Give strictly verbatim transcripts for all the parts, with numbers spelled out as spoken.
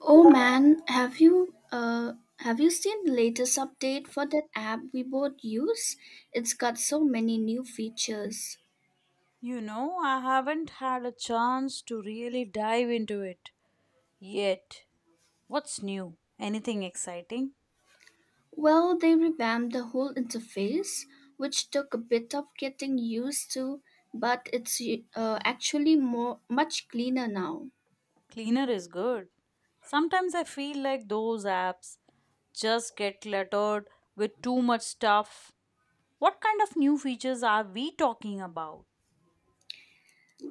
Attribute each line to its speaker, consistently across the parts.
Speaker 1: Oh man, have you uh have you seen the latest update for that app we both use? It's got so many new features.
Speaker 2: You know, I haven't had a chance to really dive into it yet. What's new? Anything exciting?
Speaker 1: Well, they revamped the whole interface, which took a bit of getting used to, but it's uh, actually more much cleaner now.
Speaker 2: Cleaner is good. Sometimes I feel like those apps just get cluttered with too much stuff. What kind of new features are we talking about?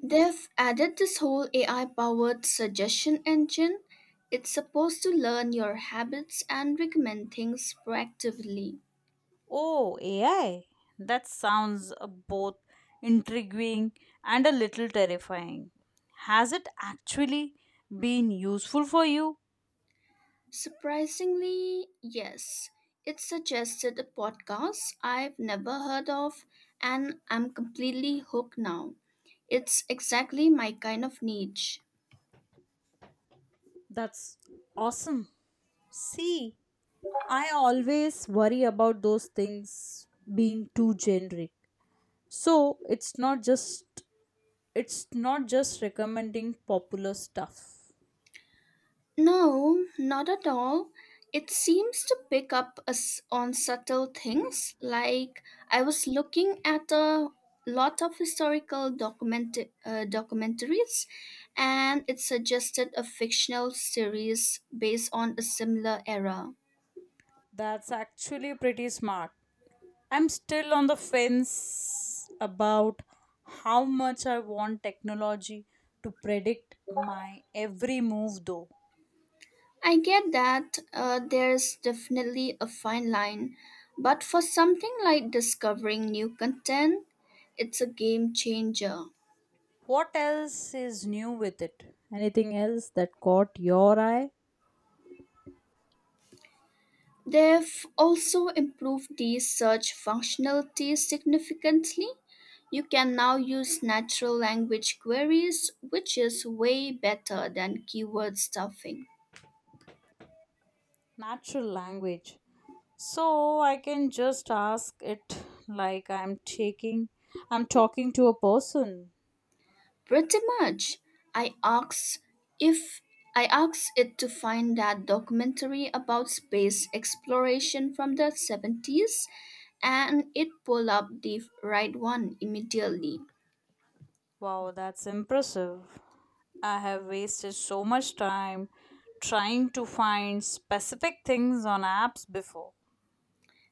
Speaker 1: They've added this whole A I powered suggestion engine. It's supposed to learn your habits and recommend things proactively.
Speaker 2: Oh, A I. That sounds uh, both intriguing and a little terrifying. Has it actually been useful for you?
Speaker 1: Surprisingly, yes. It suggested a podcast I've never heard of, and I'm completely hooked now. It's exactly my kind of niche.
Speaker 2: That's awesome. See, I always worry about those things being too generic. So it's not just it's not just recommending popular stuff.
Speaker 1: No, not at all. It seems to pick up us on subtle things. Like I was looking at a lot of historical document uh, documentaries, and it suggested a fictional series based on a similar era.
Speaker 2: That's actually pretty smart. I'm still on the fence about how much I want technology to predict my every move though.
Speaker 1: I get that uh, There's definitely a fine line, but for something like discovering new content, it's a game changer.
Speaker 2: What else is new with it? Anything else that caught your eye?
Speaker 1: They've also improved the search functionality significantly. You can now use natural language queries, which is way better than keyword stuffing.
Speaker 2: Natural language. So I can just ask it like I'm taking I'm talking to a person.
Speaker 1: Pretty much. I asked if I asked it to find that documentary about space exploration from the seventies and it pulled up the right one immediately.
Speaker 2: Wow, that's impressive. I have wasted so much time trying to find specific things on apps before.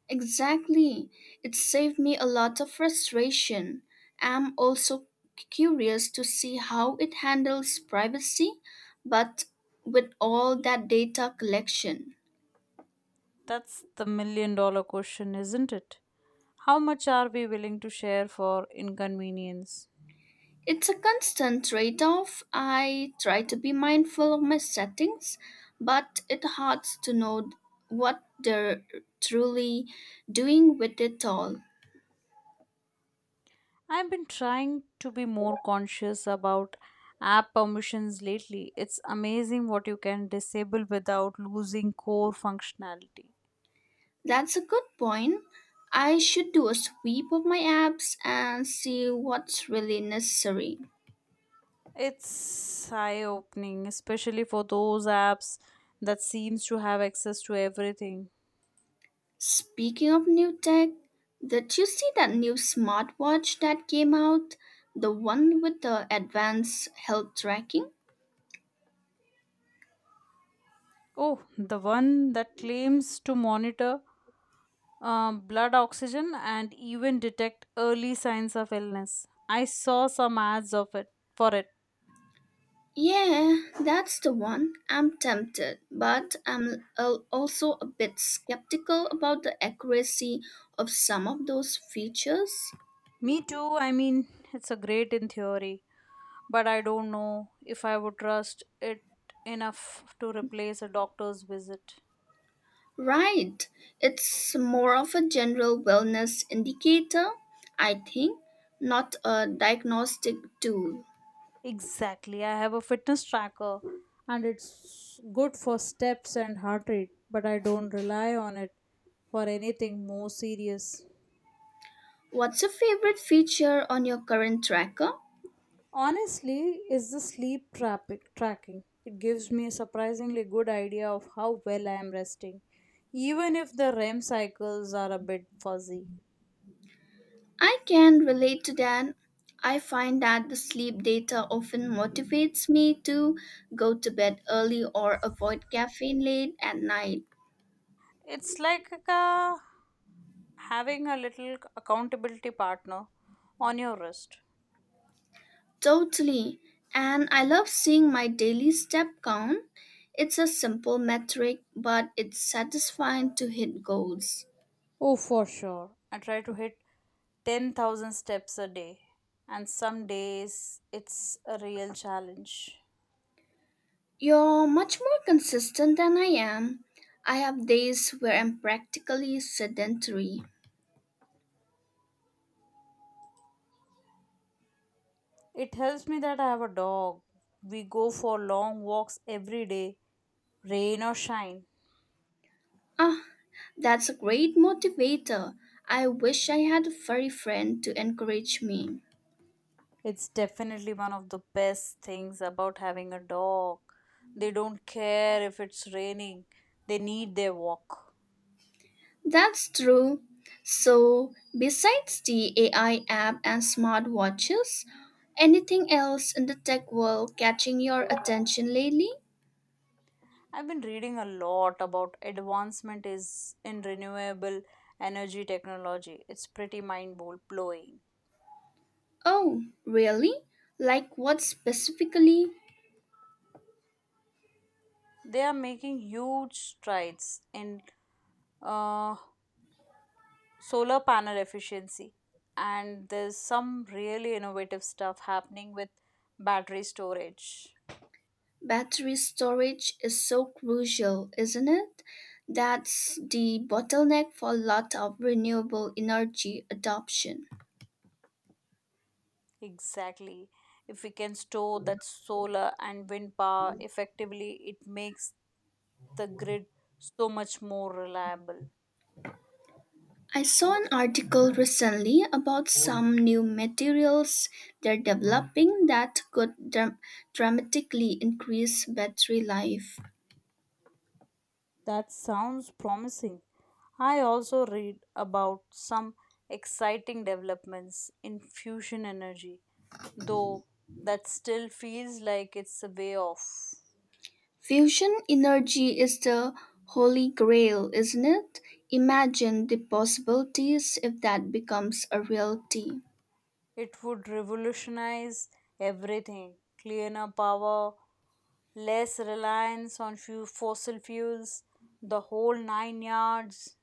Speaker 1: Exactly. It saved me a lot of frustration. I'm also curious to see how it handles privacy, but with all that data collection.
Speaker 2: That's the million dollar question, isn't it? How much are we willing to share for inconvenience?
Speaker 1: It's a constant trade off. I try to be mindful of my settings, but it hurts to know what they're truly doing with it all.
Speaker 2: I've been trying to be more conscious about app permissions lately. It's amazing what you can disable without losing core functionality.
Speaker 1: That's a good point. I should do a sweep of my apps and see what's really necessary.
Speaker 2: It's eye-opening, especially for those apps that seems to have access to everything.
Speaker 1: Speaking of new tech, did you see that new smartwatch that came out? The one with the advanced health tracking?
Speaker 2: Oh, the one that claims to monitor uh, blood oxygen and even detect early signs of illness. I saw some ads of it for it.
Speaker 1: Yeah, that's the one. I'm tempted, but I'm al- also a bit skeptical about the accuracy of some of those features.
Speaker 2: Me too. I mean, it's a great in theory but I don't know if I would trust it enough to replace a doctor's visit.
Speaker 1: Right, it's more of a general wellness indicator, I think, not a diagnostic tool.
Speaker 2: Exactly. I have a fitness tracker and it's good for steps and heart rate, but I don't rely on it for anything more serious.
Speaker 1: What's your favorite feature on your current tracker?
Speaker 2: Honestly, is the sleep traffic tracking. It gives me a surprisingly good idea of how well I am resting, even if the R E M cycles are a bit fuzzy.
Speaker 1: I can relate to that. I find that the sleep data often motivates me to go to bed early or avoid caffeine late at night.
Speaker 2: It's like a having a little accountability partner on your wrist.
Speaker 1: Totally. And I love seeing my daily step count. It's a simple metric, but it's satisfying to hit goals.
Speaker 2: Oh, for sure. I try to hit ten thousand steps a day, and some days it's a real challenge.
Speaker 1: You're much more consistent than I am. I have days where I'm practically sedentary.
Speaker 2: It helps me that I have a dog. We go for long walks every day, rain or shine.
Speaker 1: Aha! That's a great motivator. I wish I had a furry friend to encourage me.
Speaker 2: It's definitely one of the best things about having a dog. They don't care if it's raining, they need their walk.
Speaker 1: That's true. So, besides the A I app and smartwatches, anything else in the tech world catching your attention lately?
Speaker 2: I've been reading a lot about advancement is in renewable energy technology. It's pretty mind blowing.
Speaker 1: Oh, really? Like what specifically?
Speaker 2: They are making huge strides in uh, solar panel efficiency, and there's some really innovative stuff happening with battery storage.
Speaker 1: Battery storage is so crucial, isn't it? That's the bottleneck for a lot of renewable energy adoption.
Speaker 2: Exactly. If we can store that solar and wind power effectively, it makes the grid so much more reliable.
Speaker 1: I saw an article recently about some new materials they're developing that could dram- dramatically increase battery life.
Speaker 2: That sounds promising. I also read about some exciting developments in fusion energy, though that still feels like it's a way off.
Speaker 1: Fusion energy is the holy grail, isn't it? Imagine the possibilities if that becomes a reality.
Speaker 2: It would revolutionize everything, cleaner power, less reliance on few fossil fuels, the whole nine yards.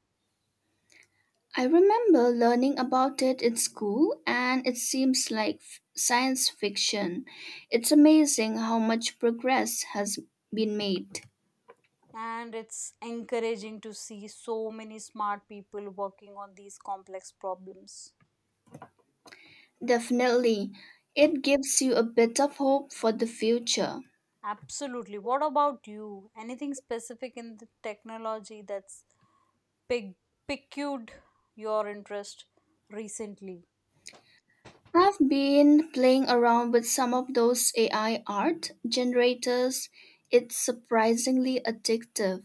Speaker 1: I remember learning about it in school, and it seems like f- science fiction. It's amazing how much progress has been made.
Speaker 2: And it's encouraging to see so many smart people working on these complex problems.
Speaker 1: Definitely, it gives you a bit of hope for the future.
Speaker 2: Absolutely. What about you? Anything specific in the technology that's pig- piqued your interest recently?
Speaker 1: I've been playing around with some of those A I art generators. It's surprisingly addictive.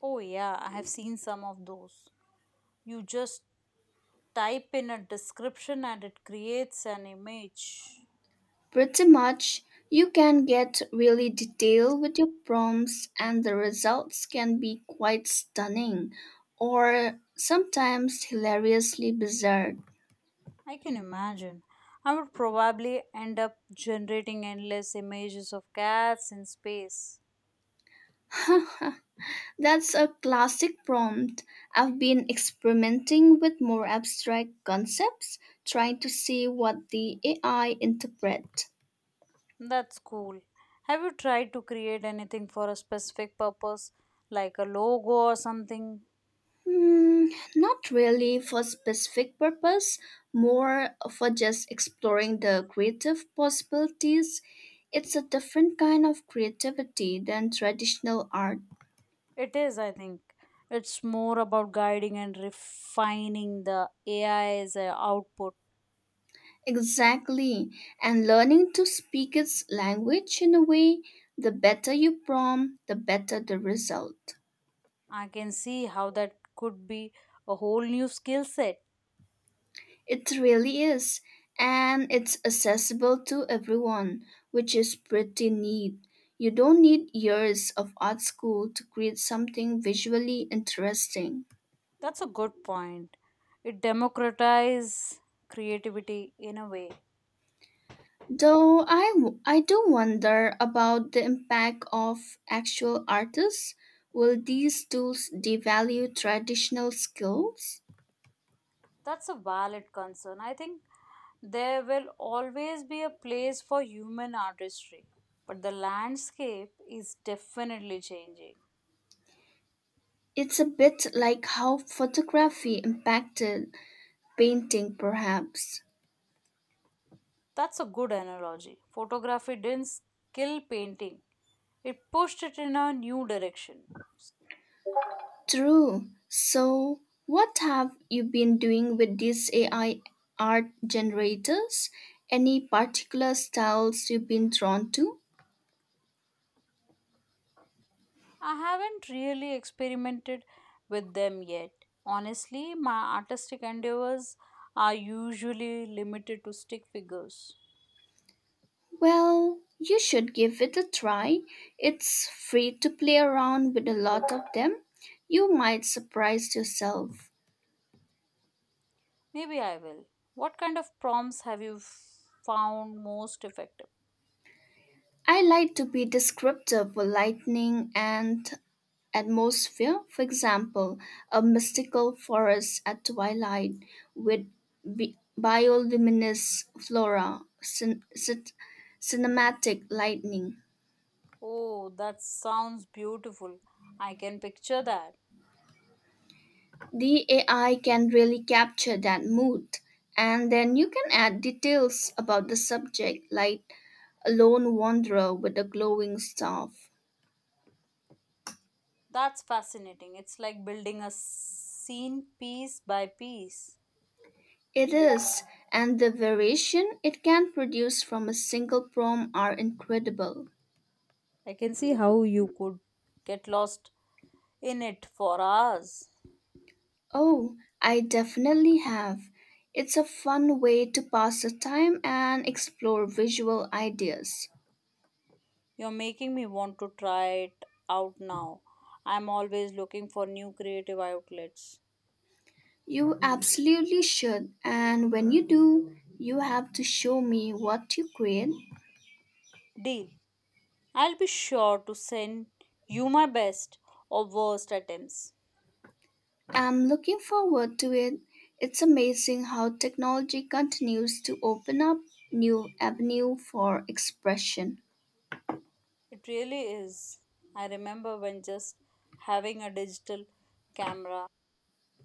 Speaker 2: Oh, yeah, I have seen some of those. You just type in a description and it creates an image.
Speaker 1: Pretty much, you can get really detailed with your prompts, and the results can be quite stunning or sometimes hilariously bizarre.
Speaker 2: I can imagine. I would probably end up generating endless images of cats in space.
Speaker 1: That's a classic prompt. I've been experimenting with more abstract concepts, trying to see what the A I interpret.
Speaker 2: That's cool. Have you tried to create anything for a specific purpose, like a logo or something?
Speaker 1: Hmm, not really for specific purpose, more for just exploring the creative possibilities. It's a different kind of creativity than traditional art.
Speaker 2: It is, I think. It's more about guiding and refining the A I's uh, output.
Speaker 1: Exactly. And learning to speak its language in a way, the better you prompt, the better the result.
Speaker 2: I can see how that could be a whole new skill set.
Speaker 1: It really is, and it's accessible to everyone, which is pretty neat. You don't need years of art school to create something visually interesting.
Speaker 2: That's a good point. It democratizes creativity in a way.
Speaker 1: Though I, w- I do wonder about the impact of actual artists. Will these tools devalue traditional skills?
Speaker 2: That's a valid concern. I think there will always be a place for human artistry, but the landscape is definitely changing.
Speaker 1: It's a bit like how photography impacted painting, perhaps.
Speaker 2: That's a good analogy. Photography didn't kill painting, it pushed it in a new direction.
Speaker 1: True. So, what have you been doing with these A I art generators? Any particular styles you've been drawn to?
Speaker 2: I haven't really experimented with them yet. Honestly, my artistic endeavors are usually limited to stick figures.
Speaker 1: Well, you should give it a try. It's free to play around with a lot of them. You might surprise yourself.
Speaker 2: Maybe I will. What kind of prompts have you f- found most effective?
Speaker 1: I like to be descriptive for lightning and atmosphere. For example, a mystical forest at twilight with bi- bioluminescent flora, cin- cin- cinematic lightning.
Speaker 2: Oh, that sounds beautiful. I can picture that.
Speaker 1: The A I can really capture that mood, and then you can add details about the subject, like a lone wanderer with a glowing staff.
Speaker 2: That's fascinating. It's like building a scene piece by piece.
Speaker 1: It is, and the variation it can produce from a single prompt are incredible.
Speaker 2: I can see how you could get lost in it for hours.
Speaker 1: Oh, I definitely have. It's a fun way to pass the time and explore visual ideas.
Speaker 2: You're making me want to try it out now. I'm always looking for new creative outlets.
Speaker 1: You absolutely should, and when you do, you have to show me what you create.
Speaker 2: Deal. I'll be sure to send you my best or worst attempts.
Speaker 1: I'm looking forward to it. It's amazing how technology continues to open up new avenue for expression.
Speaker 2: It really is. I remember when just having a digital camera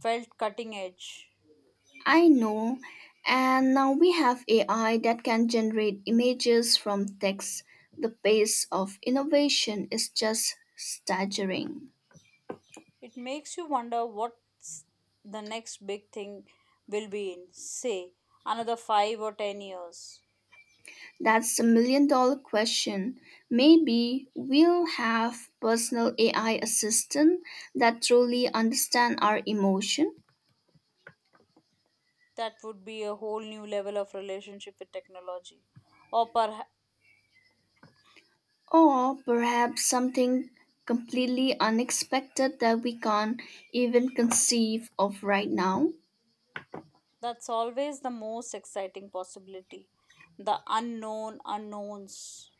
Speaker 2: felt cutting edge.
Speaker 1: I know. And now we have A I that can generate images from text. The pace of innovation is just staggering.
Speaker 2: It makes you wonder what's the next big thing will be in, say, another five or ten years.
Speaker 1: That's a million dollar question. Maybe we'll have personal A I assistant that truly understand our emotion
Speaker 2: That would be a whole new level of relationship with technology. Or perhaps
Speaker 1: or perhaps something completely unexpected that we can't even conceive of right now.
Speaker 2: that's always the most exciting possibility, the unknown unknowns.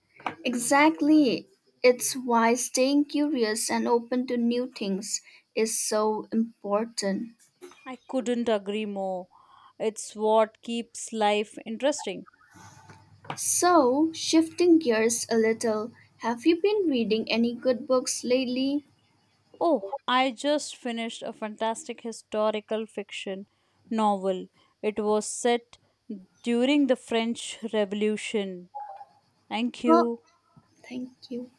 Speaker 1: Exactly. It's why staying curious and open to new things is so important.
Speaker 2: I couldn't agree more. It's what keeps life interesting.
Speaker 1: So, shifting gears a little, have you been reading any good books lately?
Speaker 2: Oh, I just finished a fantastic historical fiction novel. It was set during the French Revolution. Thank
Speaker 1: Oh,
Speaker 2: you.
Speaker 1: thank you.